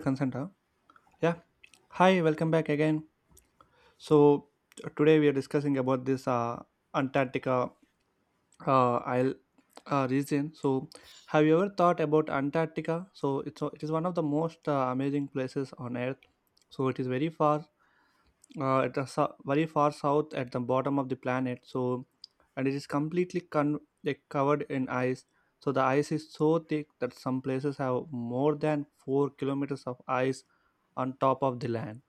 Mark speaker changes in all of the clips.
Speaker 1: Consent, huh? Yeah. Hi, welcome back again. So today we are discussing about this antarctica isle region. So have you ever thought about antarctica? So it is one of the most amazing places on earth. So it is very far. It is very far south at the bottom of the planet. So and it is completely like covered in ice. So the ice is so thick that some places have more than 4 kilometers of ice on top of the land.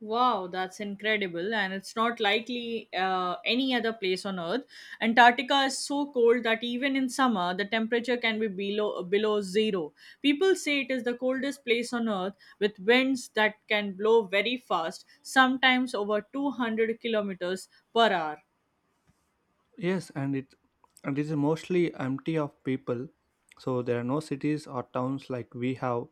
Speaker 2: Wow, that's incredible. And it's not likely any other place on Earth. Antarctica is so cold that even in summer, the temperature can be below zero. People say it is the coldest place on Earth with winds that can blow very fast, sometimes over 200 kilometers per hour.
Speaker 1: Yes, and it is mostly empty of people. So there are no cities or towns like we have.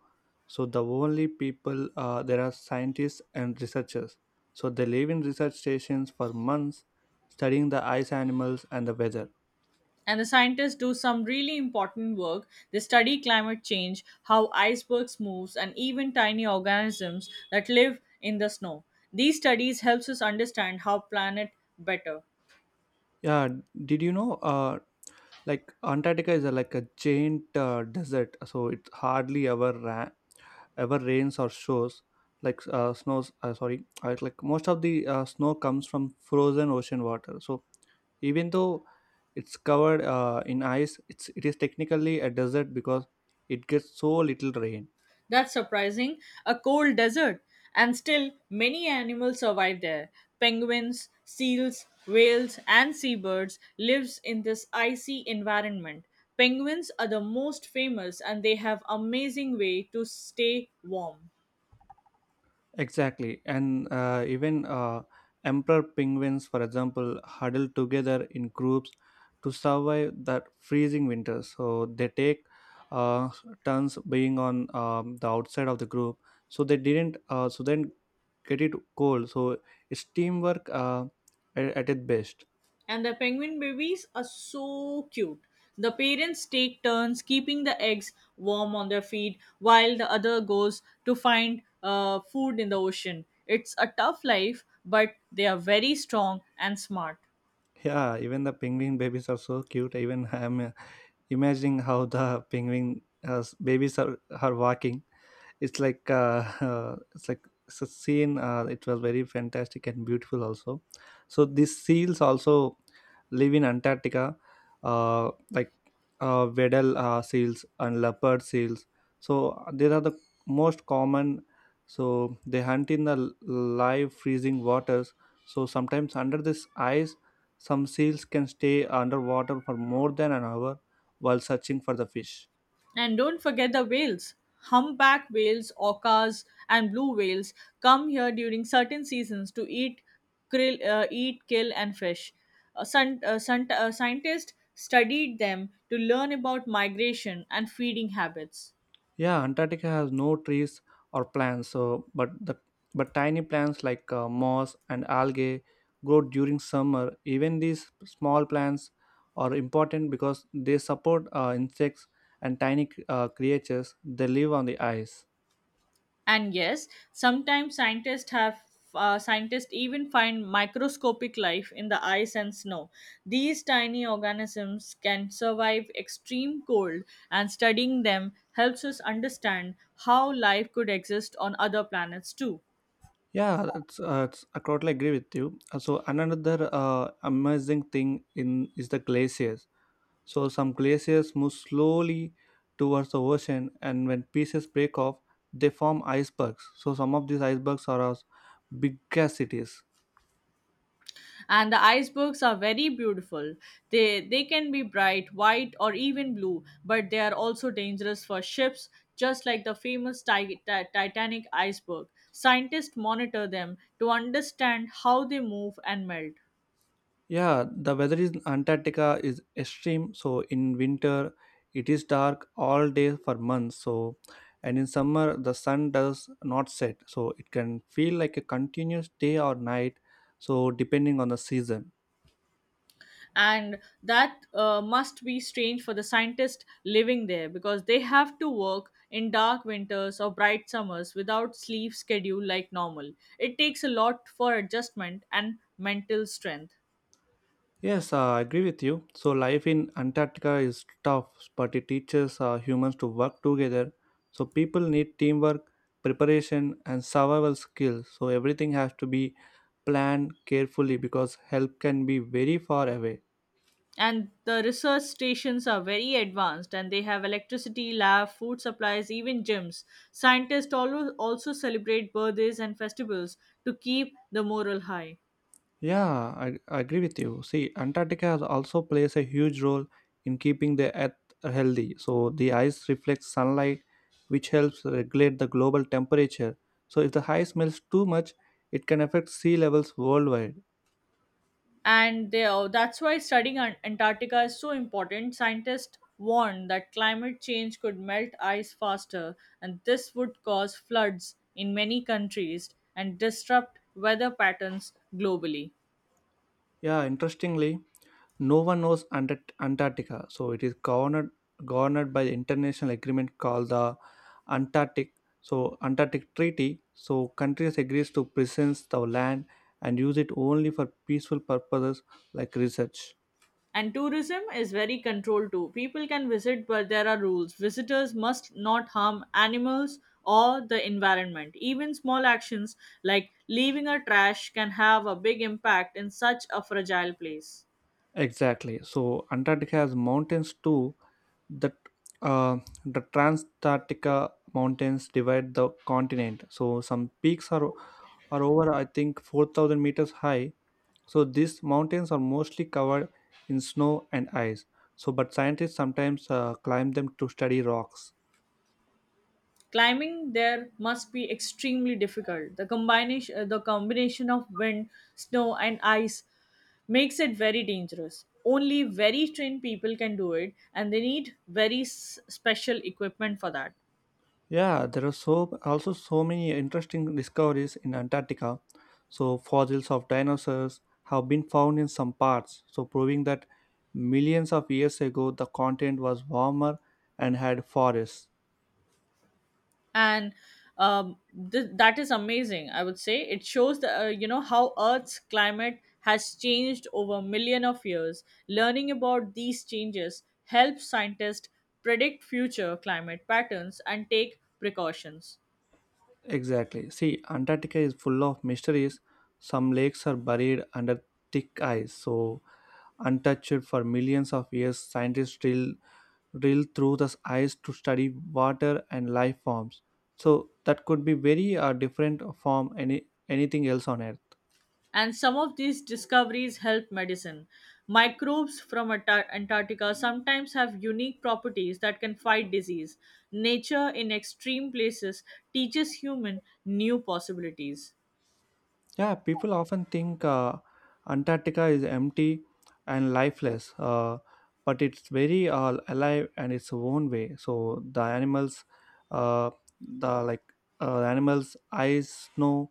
Speaker 1: So the only people there are scientists and researchers. So they live in research stations for months, studying the ice animals and the weather.
Speaker 2: And the scientists do some really important work. They study climate change, how icebergs moves, and even tiny organisms that live in the snow. These studies helps us understand how planet better.
Speaker 1: Yeah, did you know? Like Antarctica is a, like a giant desert. So it hardly ever ever rains or shows. Like snows, like most of the snow comes from frozen ocean water. So even though it's covered in ice, it is technically a desert because it gets so little rain.
Speaker 2: That's surprising. A cold desert, and still many animals survive there. Penguins, seals, whales, and seabirds lives in this icy environment. Penguins are the most famous and they have amazing way to stay warm.
Speaker 1: Exactly, and even emperor penguins, for example, huddle together in groups to survive that freezing winter. So they take uh, turns being on the outside of the group, so they didn't so then get it cold. So it's teamwork at its best.
Speaker 2: And the penguin babies are so cute. The parents take turns keeping the eggs warm on their feet while the other goes to find food in the ocean. It's a tough life, but they are very strong and smart.
Speaker 1: Yeah, even the penguin babies are so cute. Even I'm imagining how the penguin babies are walking. It's like it's like it's a scene. It was very fantastic and beautiful also. So these seals also live in antarctica, like Weddell seals and leopard seals. So they are the most common. So they hunt in the live freezing waters. So sometimes under this ice, some seals can stay underwater for more than an hour while searching for the fish.
Speaker 2: And don't forget the whales. Humpback whales, orcas, and blue whales come here during certain seasons to eat, kill, and fish. Scientists studied them to learn about migration and feeding habits.
Speaker 1: Yeah, Antarctica has no trees or plants, so but the but tiny plants like moss and algae grow during summer. Even these small plants are important because they support insects and tiny creatures. They live on the ice.
Speaker 2: And yes, sometimes scientists even find microscopic life in the ice and snow. These tiny organisms can survive extreme cold, and studying them helps us understand how life could exist on other planets too.
Speaker 1: Yeah, I totally agree with you. So another amazing thing in is the glaciers. So some glaciers move slowly towards the ocean, and when pieces break off, they form icebergs. So some of these icebergs are as big as cities.
Speaker 2: And the icebergs are very beautiful. They can be bright white or even blue, but they are also dangerous for ships, just like the famous Titanic iceberg. Scientists monitor them to understand how they move and melt.
Speaker 1: Yeah, the weather in Antarctica is extreme. So in winter, it is dark all day for months. So, and in summer, the sun does not set. So it can feel like a continuous day or night, so depending on the season.
Speaker 2: And that must be strange for the scientists living there because they have to work in dark winters or bright summers without sleep schedule like normal. It takes a lot for adjustment and mental strength.
Speaker 1: Yes, I agree with you. So life in Antarctica is tough, but it teaches humans to work together. So people need teamwork, preparation, and survival skills. So everything has to be planned carefully because help can be very far away.
Speaker 2: And the research stations are very advanced, and they have electricity, lab, food supplies, even gyms. Scientists always also celebrate birthdays and festivals to keep the morale high.
Speaker 1: Yeah, I agree with you. See, Antarctica has also plays a huge role in keeping the earth healthy. So the ice reflects sunlight, which helps regulate the global temperature. So if the ice melts too much, it can affect sea levels worldwide.
Speaker 2: That's why studying Antarctica is so important. Scientists warn that climate change could melt ice faster, and this would cause floods in many countries and disrupt weather patterns globally.
Speaker 1: Yeah, interestingly, no one knows Antarctica. So it is governed by the international agreement called the Antarctic, so Antarctic Treaty. So countries agrees to presence the land and use it only for peaceful purposes like research.
Speaker 2: And tourism is very controlled too. People can visit, but there are rules. Visitors must not harm animals or the environment. Even small actions like leaving a trash can have a big impact in such a fragile place.
Speaker 1: Exactly. So Antarctica has mountains too that uh, the Transantarctica mountains divide the continent. So some peaks are over, I think, 4,000 meters high. So these mountains are mostly covered in snow and ice. So but scientists sometimes climb them to study rocks.
Speaker 2: Climbing there must be extremely difficult. The combination of wind, snow, and ice makes it very dangerous. Only very trained people can do it, and they need very special equipment for that.
Speaker 1: Yeah, there are so also so many interesting discoveries in Antarctica. So fossils of dinosaurs have been found in some parts, so proving that millions of years ago the continent was warmer and had forests.
Speaker 2: and um, that is amazing. I would say it shows the, you know how Earth's climate has changed over million of years. Learning about these changes helps scientists predict future climate patterns and take precautions.
Speaker 1: Exactly. See, Antarctica is full of mysteries. Some lakes are buried under thick ice, so untouched for millions of years, scientists drill through the ice to study water and life forms. So that could be very different from anything else on Earth.
Speaker 2: And some of these discoveries help medicine. Microbes from Antarctica sometimes have unique properties that can fight disease. Nature in extreme places teaches human new possibilities.
Speaker 1: Yeah, people often think Antarctica is empty and lifeless, but it's very alive and its own way. So the animals, uh, the like animals, ice, snow,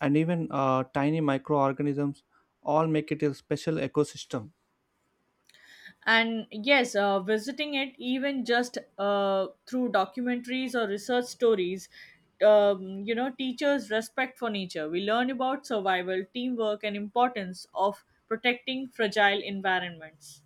Speaker 1: and even tiny microorganisms all make it a special ecosystem.
Speaker 2: And yes, visiting it even just through documentaries or research stories, teachers respect for nature. We learn about survival, teamwork, and importance of protecting fragile environments.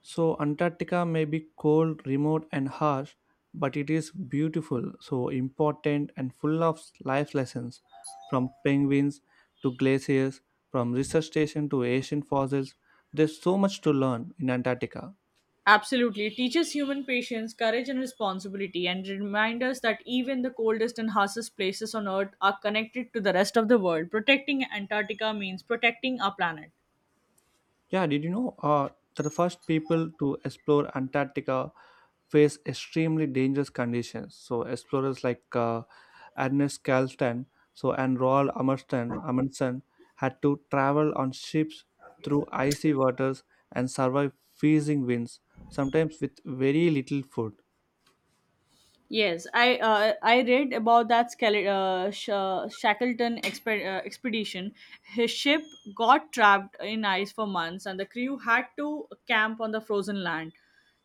Speaker 1: So Antarctica may be cold, remote, and harsh, but it is beautiful, so important, and full of life lessons, from penguins to glaciers, from research station to ancient fossils. There's so much to learn in Antarctica.
Speaker 2: Absolutely, it teaches human patience, courage, and responsibility, and reminds us that even the coldest and harshest places on Earth are connected to the rest of the world. Protecting Antarctica means protecting our planet.
Speaker 1: Yeah, did you know that the first people to explore Antarctica face extremely dangerous conditions? So explorers like Ernest Carlton, so and Roald Amundsen had to travel on ships through icy waters and survive freezing winds, sometimes with very little food.
Speaker 2: Yes, I read about that Shackleton expedition. His ship got trapped in ice for months, and the crew had to camp on the frozen land.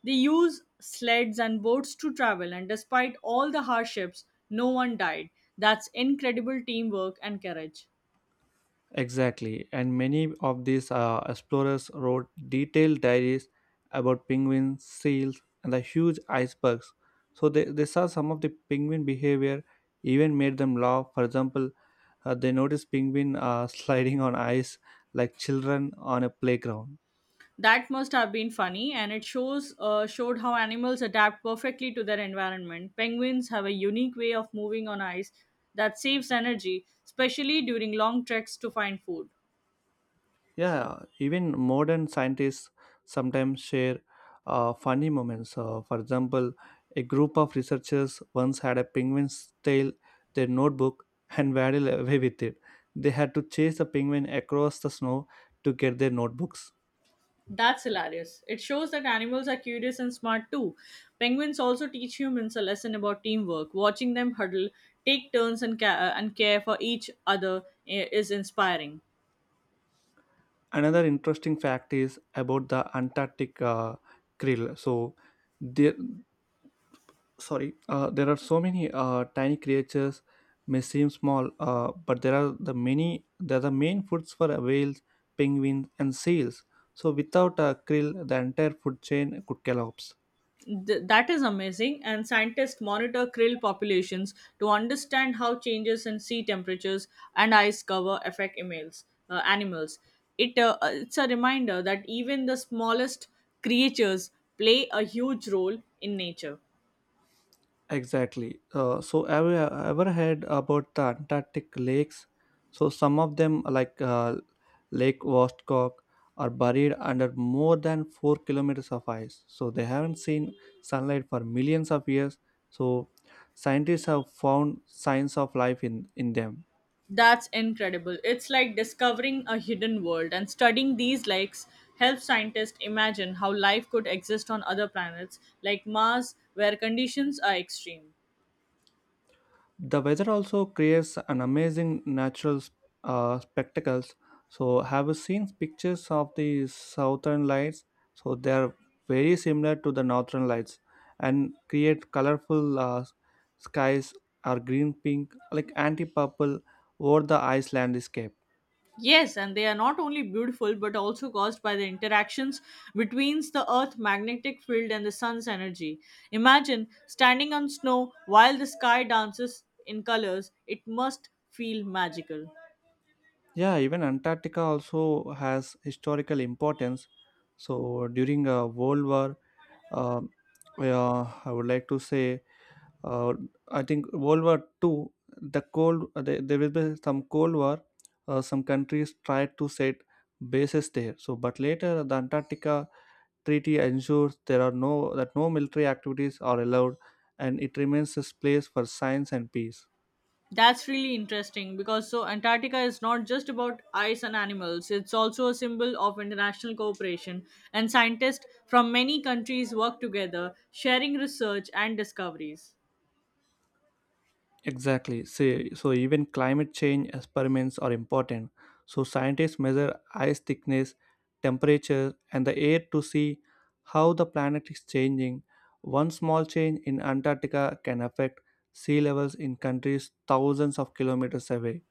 Speaker 2: They used sleds and boats to travel, and despite all the hardships, no one died. That's incredible teamwork and courage.
Speaker 1: Exactly, and many of these explorers wrote detailed diaries about penguins, seals, and the huge icebergs. So they saw some of the penguin behavior, even made them laugh. For example, they noticed penguin sliding on ice like children on a playground.
Speaker 2: That must have been funny, and it shows showed how animals adapt perfectly to their environment. Penguins have a unique way of moving on ice that saves energy, especially during long treks to find food.
Speaker 1: Yeah, even modern scientists sometimes share funny moments. For example, a group of researchers once had a penguin's tail, their notebook, and ran away with it. They had to chase the penguin across the snow to get their notebooks.
Speaker 2: That's hilarious. It shows that animals are curious and smart too. Penguins also teach humans a lesson about teamwork. Watching them huddle, take turns, and care for each other is inspiring.
Speaker 1: Another interesting fact is about the Antarctic krill. So, there there are so many tiny creatures may seem small, but there are the many, they're the main foods for whales, penguins, and seals. So without a krill the entire food chain could collapse.
Speaker 2: That is amazing. And scientists monitor krill populations to understand how changes in sea temperatures and ice cover affect animals. It's a reminder that even the smallest creatures play a huge role in nature.
Speaker 1: Exactly. So have you ever heard about the antarctic lakes? So some of them like Lake Vostok, are buried under more than 4 kilometers of ice. So they haven't seen sunlight for millions of years. So scientists have found signs of life in them.
Speaker 2: That's incredible. It's like discovering a hidden world, and studying these lakes helps scientists imagine how life could exist on other planets like Mars, where conditions are extreme.
Speaker 1: The weather also creates an amazing natural spectacles. So have you seen pictures of the southern lights? So they are very similar to the northern lights and create colorful skies, are green pink like anti-purple over the iceland landscape.
Speaker 2: Yes, and they are not only beautiful but also caused by the interactions between the Earth's magnetic field and the sun's energy. Imagine standing on snow while the sky dances in colors. It must feel magical.
Speaker 1: Yeah, even antarctica also has historical importance. So during a world war, um, yeah, I would like to say, uh, I think World War Two, the cold there will be some Cold War. Some countries tried to set bases there. So but later the Antarctica Treaty ensures there are no that no military activities are allowed, and it remains a place for science and peace.
Speaker 2: That's really interesting, because so Antarctica is not just about ice and animals, it's also a symbol of international cooperation, and scientists from many countries work together, sharing research and discoveries.
Speaker 1: Exactly. See, so even climate change experiments are important. So scientists measure ice thickness, temperature, and the air to see how the planet is changing. One small change in Antarctica can affect sea levels in countries thousands of kilometers away.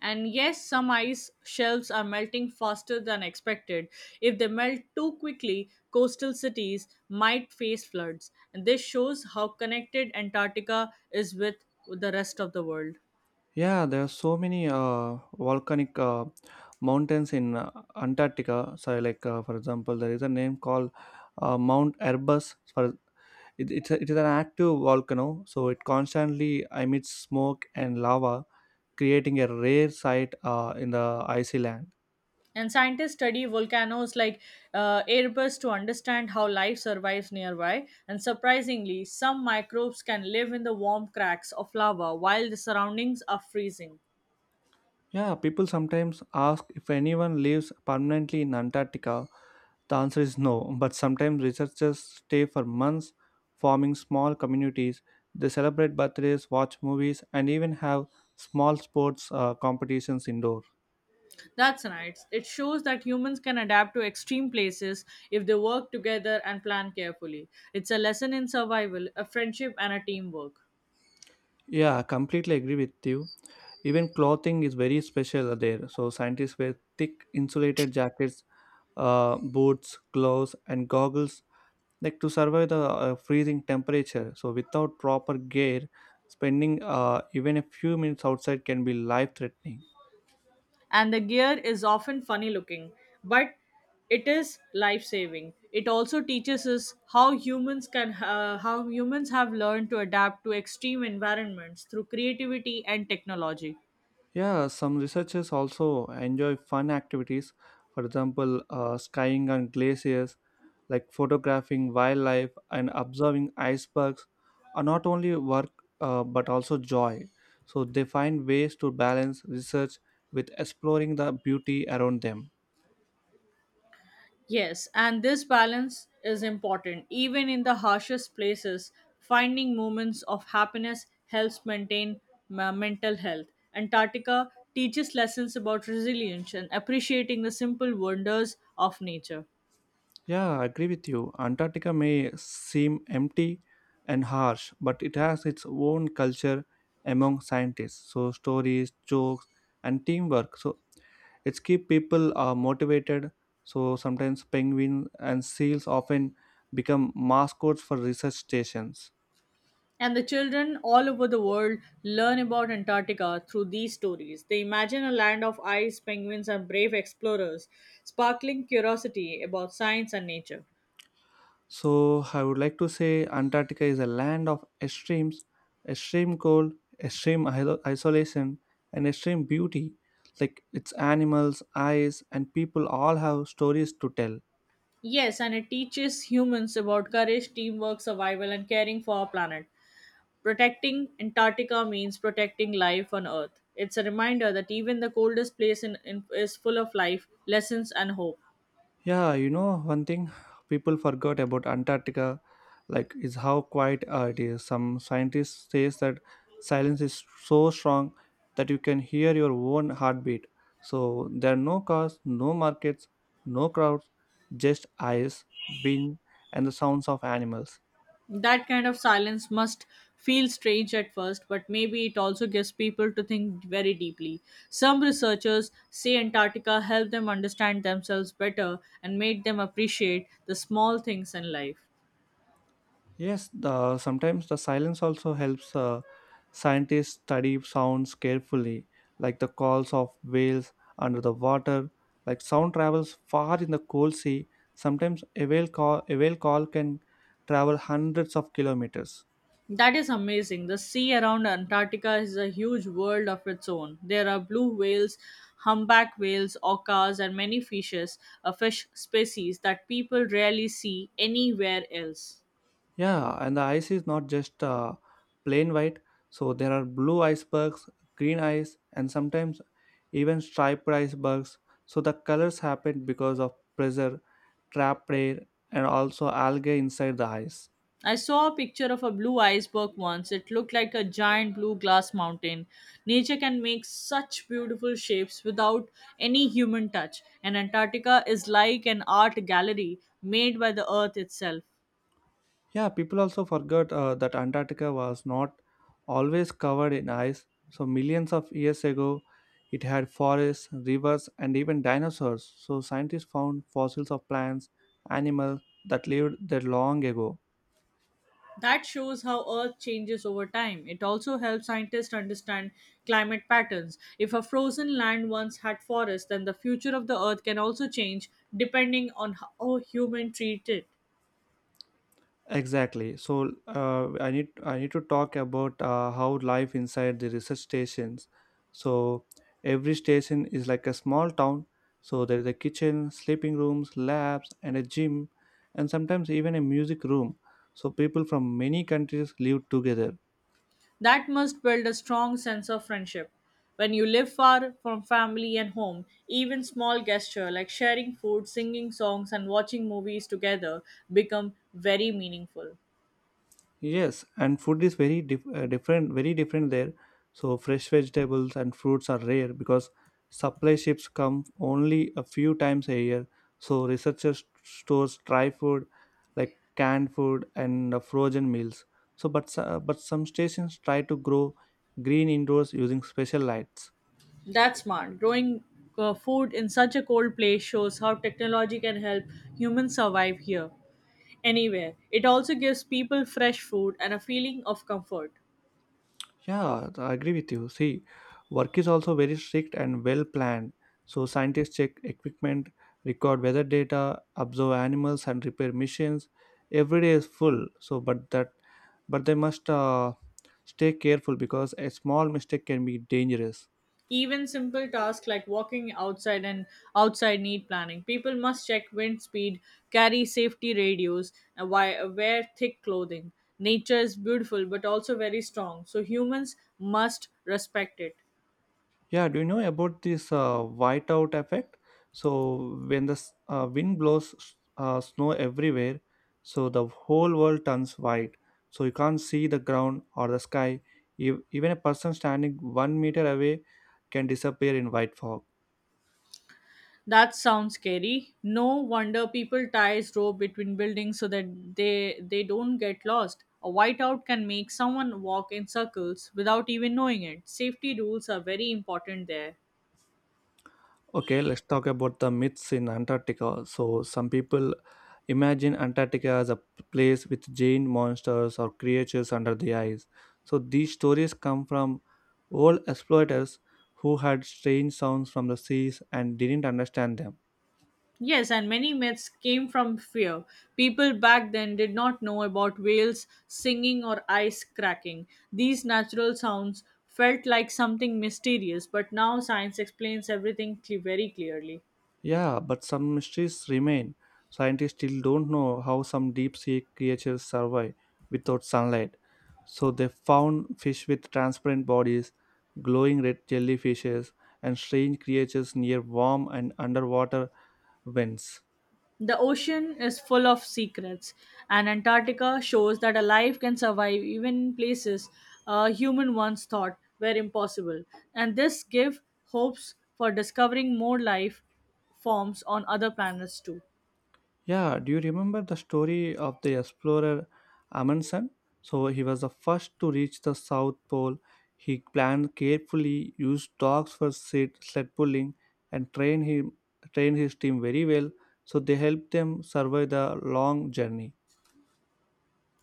Speaker 2: And yes, some ice shelves are melting faster than expected. If they melt too quickly, coastal cities might face floods. And this shows how connected Antarctica is with the rest of the world.
Speaker 1: Yeah, there are so many volcanic mountains in Antarctica. So, like for example, there is a name called Mount Erebus. For It, it's, a, It is an active volcano, so it constantly emits smoke and lava, creating a rare sight in the icy land.
Speaker 2: And scientists study volcanoes like Erebus to understand how life survives nearby. And surprisingly, some microbes can live in the warm cracks of lava while the surroundings are freezing.
Speaker 1: Yeah, people sometimes ask if anyone lives permanently in Antarctica. The answer is no, but sometimes researchers stay for months forming small communities. They celebrate birthdays, watch movies, and even have small sports competitions indoor.
Speaker 2: That's nice. It shows that humans can adapt to extreme places if they work together and plan carefully. It's a lesson in survival, a friendship, and a teamwork.
Speaker 1: Yeah, I completely agree with you. Even clothing is very special there. So scientists wear thick insulated jackets, boots, gloves, and goggles like to survive the freezing temperature. So without proper gear, spending even a few minutes outside can be life-threatening.
Speaker 2: And the gear is often funny looking, but it is life saving. It also teaches us how humans have learned to adapt to extreme environments through creativity and technology.
Speaker 1: Yeah, some researchers also enjoy fun activities. For example, skying on glaciers, like photographing wildlife and observing icebergs, are not only work, but also joy. So they find ways to balance research with exploring the beauty around them.
Speaker 2: Yes, and this balance is important. Even in the harshest places, finding moments of happiness helps maintain mental health. Antarctica teaches lessons about resilience and appreciating the simple wonders of nature.
Speaker 1: Yeah, I agree with you. Antarctica may seem empty and harsh, but it has its own culture among scientists. So stories, jokes, and teamwork. So it's keep people motivated. So sometimes penguins and seals often become mascots for research stations.
Speaker 2: And the children all over the world learn about Antarctica through these stories. They imagine a land of ice, penguins, and brave explorers, sparkling curiosity about science and nature.
Speaker 1: So I would like to say Antarctica is a land of extremes, extreme cold, extreme isolation, and extreme beauty. Like its animals, ice, and people all have stories to tell.
Speaker 2: Yes, and it teaches humans about courage, teamwork, survival, and caring for our planet. Protecting Antarctica means protecting life on Earth. It's a reminder that even the coldest place is full of life, lessons, and hope.
Speaker 1: Yeah, you know, one thing people forgot about Antarctica, like, is how quiet it is. Some scientists says that silence is so strong that you can hear your own heartbeat. So there are no cars, no markets, no crowds, just ice, wind, and the sounds of animals.
Speaker 2: That kind of silence must feel strange at first, but maybe it also gives people to think very deeply. Some researchers say Antarctica helped them understand themselves better and made them appreciate the small things in life.
Speaker 1: Yes, sometimes the silence also helps scientists study sounds carefully, like the calls of whales under the water. Like sound travels far in the cold sea. Sometimes a whale call can travel hundreds of kilometers.
Speaker 2: That is amazing. The sea around Antarctica is a huge world of its own. There are blue whales, humpback whales, orcas, and many fishes, a fish species that people rarely see anywhere else.
Speaker 1: Yeah, and the ice is not just plain white. So there are blue icebergs, green ice, and sometimes even striped icebergs. So the colors happen because of pressure, trap air, and also algae inside the ice.
Speaker 2: I saw a picture of a blue iceberg once. It looked like a giant blue glass mountain. Nature can make such beautiful shapes without any human touch, and Antarctica is like an art gallery made by the Earth itself.
Speaker 1: Yeah, people also forgot that Antarctica was not always covered in ice. So millions of years ago, it had forests, rivers, and even dinosaurs. So scientists found fossils of plants, animals that lived there long ago.
Speaker 2: That shows how Earth changes over time. It also helps scientists understand climate patterns. If a frozen land once had forests, then the future of the Earth can also change depending on how humans treat it.
Speaker 1: Exactly. So I need to talk about how life inside the research stations. So every station is like a small town. So there is a kitchen, sleeping rooms, labs, and a gym, and sometimes even a music room. So people from many countries live together.
Speaker 2: That must build a strong sense of friendship. When you live far from family and home, even small gestures like sharing food, singing songs, and watching movies together become very meaningful.
Speaker 1: Yes, and food is very very different there. So fresh vegetables and fruits are rare because supply ships come only a few times a year. So researchers stores dry food like canned food and frozen meals. But some stations try to grow green indoors using special lights.
Speaker 2: That's smart. Growing food in such a cold place shows how technology can help humans survive here, anywhere. It also gives people fresh food and a feeling of comfort.
Speaker 1: Yeah, I agree with you. See, work is also very strict and well planned. So scientists check equipment, record weather data, observe animals, and repair missions. Every day is full. But they must stay careful because a small mistake can be dangerous.
Speaker 2: Even simple tasks like walking outside and outside need planning. People must check wind speed, carry safety radios, and wear thick clothing. Nature is beautiful but also very strong, so humans must respect it.
Speaker 1: Yeah, do you know about this whiteout effect? So when the wind blows snow everywhere, so the whole world turns white. So you can't see the ground or the sky. Even a person standing 1 meter away can disappear in white fog.
Speaker 2: That sounds scary. No wonder people ties rope between buildings so that they don't get lost. A whiteout can make someone walk in circles without even knowing it. Safety rules are very important there.
Speaker 1: Okay, let's talk about the myths in Antarctica. So, some people imagine Antarctica as a place with giant monsters or creatures under the ice. So, these stories come from old exploiters who had strange sounds from the seas and didn't understand them.
Speaker 2: Yes, and many myths came from fear. People back then did not know about whales singing or ice cracking. These natural sounds felt like something mysterious, but now science explains everything very clearly.
Speaker 1: Yeah, but some mysteries remain. Scientists still don't know how some deep sea creatures survive without sunlight. So they found fish with transparent bodies, glowing red jellyfishes, and strange creatures near warm and underwater vents.
Speaker 2: The ocean is full of secrets, and Antarctica shows that a life can survive even in places a human once thought were impossible. And this gives hopes for discovering more life forms on other planets too.
Speaker 1: Yeah, do you remember the story of the explorer Amundsen? So he was the first to reach the South Pole. He planned carefully, used dogs for sled pulling, and trained his team very well. So they helped them survive the long journey.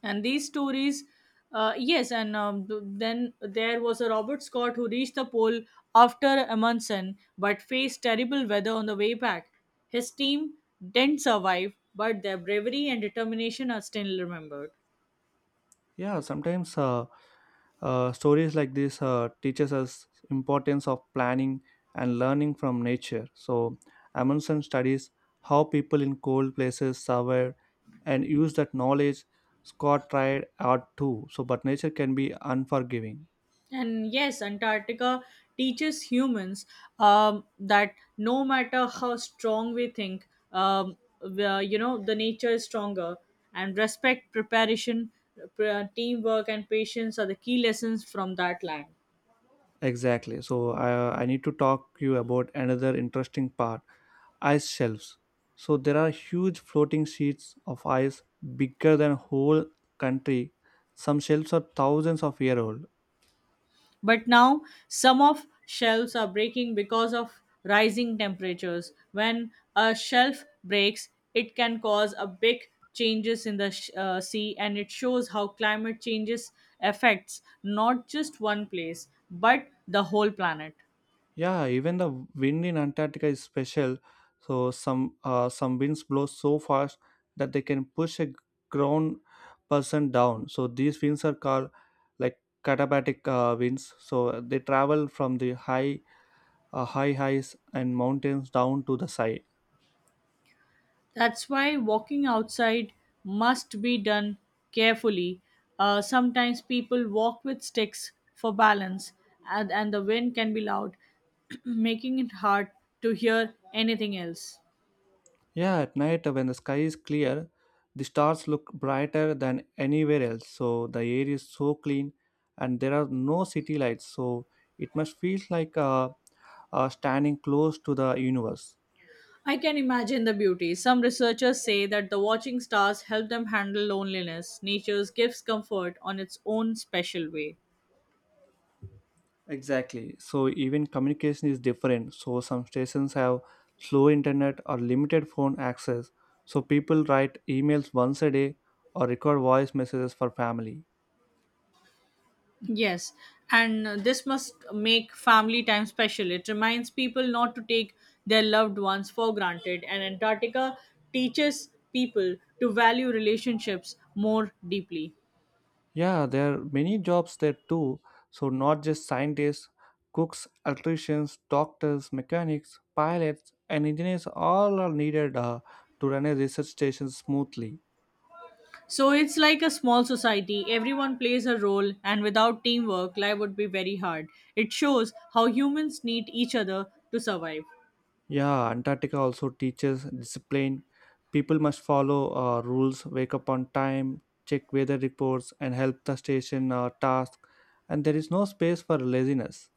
Speaker 2: And these stories, yes, and then there was a Robert Scott who reached the pole after Amundsen but faced terrible weather on the way back. His team didn't survive, but their bravery and determination are still remembered.
Speaker 1: Yeah, sometimes stories like this teaches us importance of planning and learning from nature. So Amundsen studies how people in cold places survive and use that knowledge. Scott tried art too. So, but nature can be unforgiving.
Speaker 2: And yes, Antarctica teaches humans that no matter how strong we think, the nature is stronger. And respect, preparation, teamwork, and patience are the key lessons from that land.
Speaker 1: Exactly. So I need to talk you about another interesting part. Ice shelves. So there are huge floating sheets of ice bigger than whole country. Some shelves are thousands of year old.
Speaker 2: But now some of shelves are breaking because of rising temperatures. When a shelf breaks, it can cause a big changes in the sea, and it shows how climate changes affects not just one place but the whole planet.
Speaker 1: Yeah, even the wind in Antarctica is special. So some winds blow so fast that they can push a grown person down. So these winds are called like katabatic winds. So they travel from the high highs and mountains down to the side.
Speaker 2: That's why walking outside must be done carefully. Sometimes people walk with sticks for balance, and the wind can be loud, making it hard to hear anything else.
Speaker 1: Yeah, at night when the sky is clear, the stars look brighter than anywhere else. So the air is so clean, and there are no city lights. So it must feel like standing close to the universe.
Speaker 2: I can imagine the beauty. Some researchers say that the watching stars help them handle loneliness. Nature gives comfort on its own special way.
Speaker 1: Exactly. So even communication is different. So some stations have slow internet or limited phone access. So people write emails once a day or record voice messages for family.
Speaker 2: Yes, and this must make family time special. It reminds people not to take their loved ones for granted, and Antarctica teaches people to value relationships more deeply.
Speaker 1: Yeah, there are many jobs there too. So, not just scientists, cooks, electricians, doctors, mechanics, pilots, and engineers all are needed to run a research station smoothly.
Speaker 2: So it's like a small society. Everyone plays a role, and without teamwork, life would be very hard. It shows how humans need each other to survive.
Speaker 1: Yeah, Antarctica also teaches discipline. People must follow rules, wake up on time, check weather reports, and help the station task. And there is no space for laziness.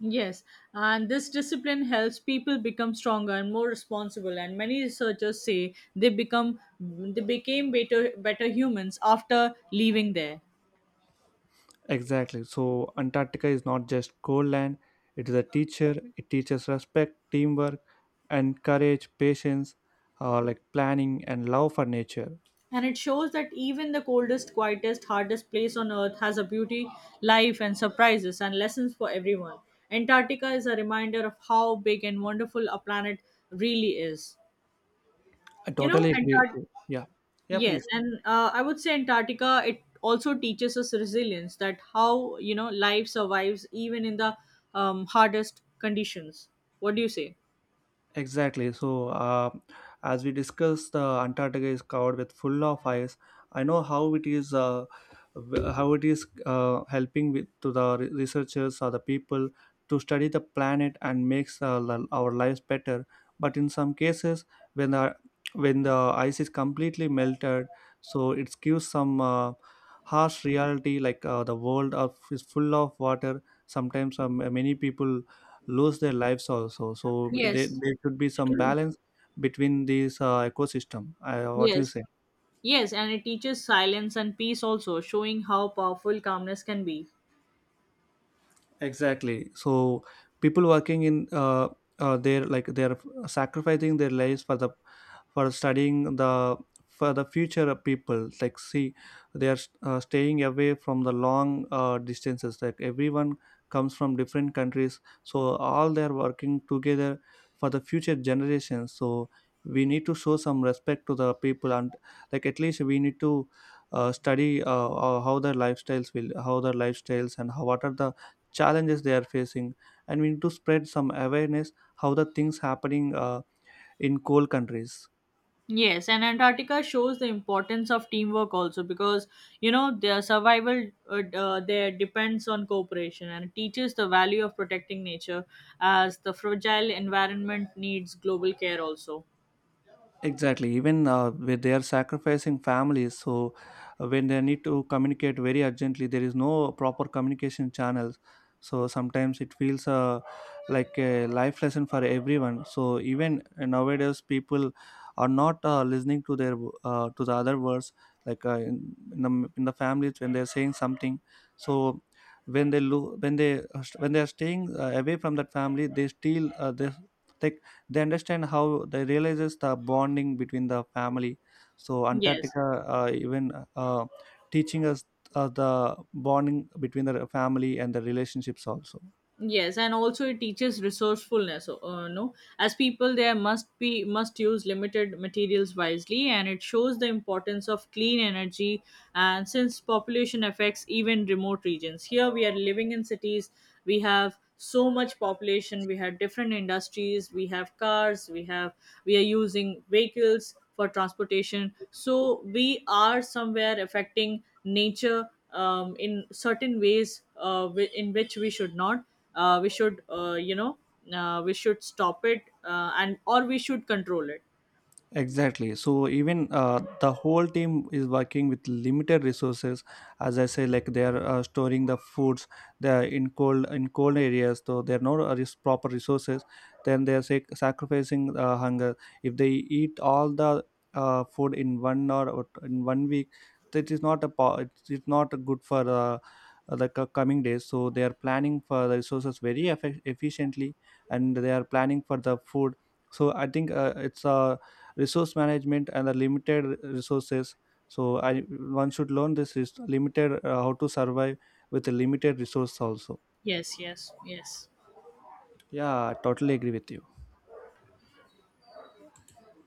Speaker 2: Yes, and this discipline helps people become stronger and more responsible. And many researchers say they became better humans after leaving there.
Speaker 1: Exactly. So Antarctica is not just cold land, it is a teacher. It teaches respect, teamwork, and courage, patience, like planning and love for nature.
Speaker 2: And it shows that even the coldest, quietest, hardest place on Earth has a beauty, life, and surprises and lessons for everyone. Antarctica is a reminder of how big and wonderful a planet really is.
Speaker 1: I
Speaker 2: You know,
Speaker 1: totally agree with
Speaker 2: Antarctica.
Speaker 1: you. Yeah. Yeah,
Speaker 2: Yes,
Speaker 1: please.
Speaker 2: and I would say Antarctica, it also teaches us resilience that how, life survives even in the hardest conditions. What do you say?
Speaker 1: Exactly. So, as we discussed, Antarctica is covered with full of ice. I know how it is, how it is helping with to the researchers or the people to study the planet and makes our lives better. But in some cases, when the when the ice is completely melted, so it gives some harsh reality. Like the world of, is full of water. Sometimes many people lose their lives also, so there,
Speaker 2: Yes,
Speaker 1: there should be some balance between these ecosystem, what you
Speaker 2: yes,
Speaker 1: say.
Speaker 2: yes, and it teaches silence and peace also, showing how powerful calmness can be.
Speaker 1: Exactly. So people working in they're sacrificing their lives for the, for studying the, for the future people. Like, see, they are staying away from the long distances. Like everyone comes from different countries, so all they are working together for the future generations. So we need to show some respect to the people, and like at least we need to study how their lifestyles will how their lifestyles and how, what are the challenges they are facing, and we need to spread some awareness how the things happening in cold countries.
Speaker 2: Yes, and Antarctica shows the importance of teamwork also because their survival there depends on cooperation, and it teaches the value of protecting nature as the fragile environment needs global care also.
Speaker 1: Exactly. Even when they are sacrificing families, so when they need to communicate very urgently, there is no proper communication channels. So sometimes it feels like a life lesson for everyone. So even nowadays, people are not listening to their to the other words. Like in the families when they are saying something, so when they lo- when they are staying away from that family, they still like they understand how they realizes the bonding between the family. So
Speaker 2: Yes.
Speaker 1: Antarctica even teaching us the bonding between the family and the relationships also.
Speaker 2: Yes, and also it teaches resourcefulness. No, as people, there must use limited materials wisely, and it shows the importance of clean energy. And since population affects even remote regions, here we are living in cities. We have so much population. We have different industries. We have cars. We are using vehicles for transportation. So we are somewhere affecting nature in certain ways, in which we should not, uh, we should uh, you know we should stop it, and or we should control it.
Speaker 1: Exactly. So even the whole team is working with limited resources. As I say, like they are storing the foods. They are in cold areas, so there are no proper resources. Then they are sacrificing hunger. If they eat all the food in one or in one week, that is not a it's not good for coming days. So they are planning for the resources very efficiently, and they are planning for the food. So I think it's a resource management and the limited resources. So I one should learn this is limited, how to survive with the limited resource also.
Speaker 2: Yes, yes, yes.
Speaker 1: Yeah, totally agree with you.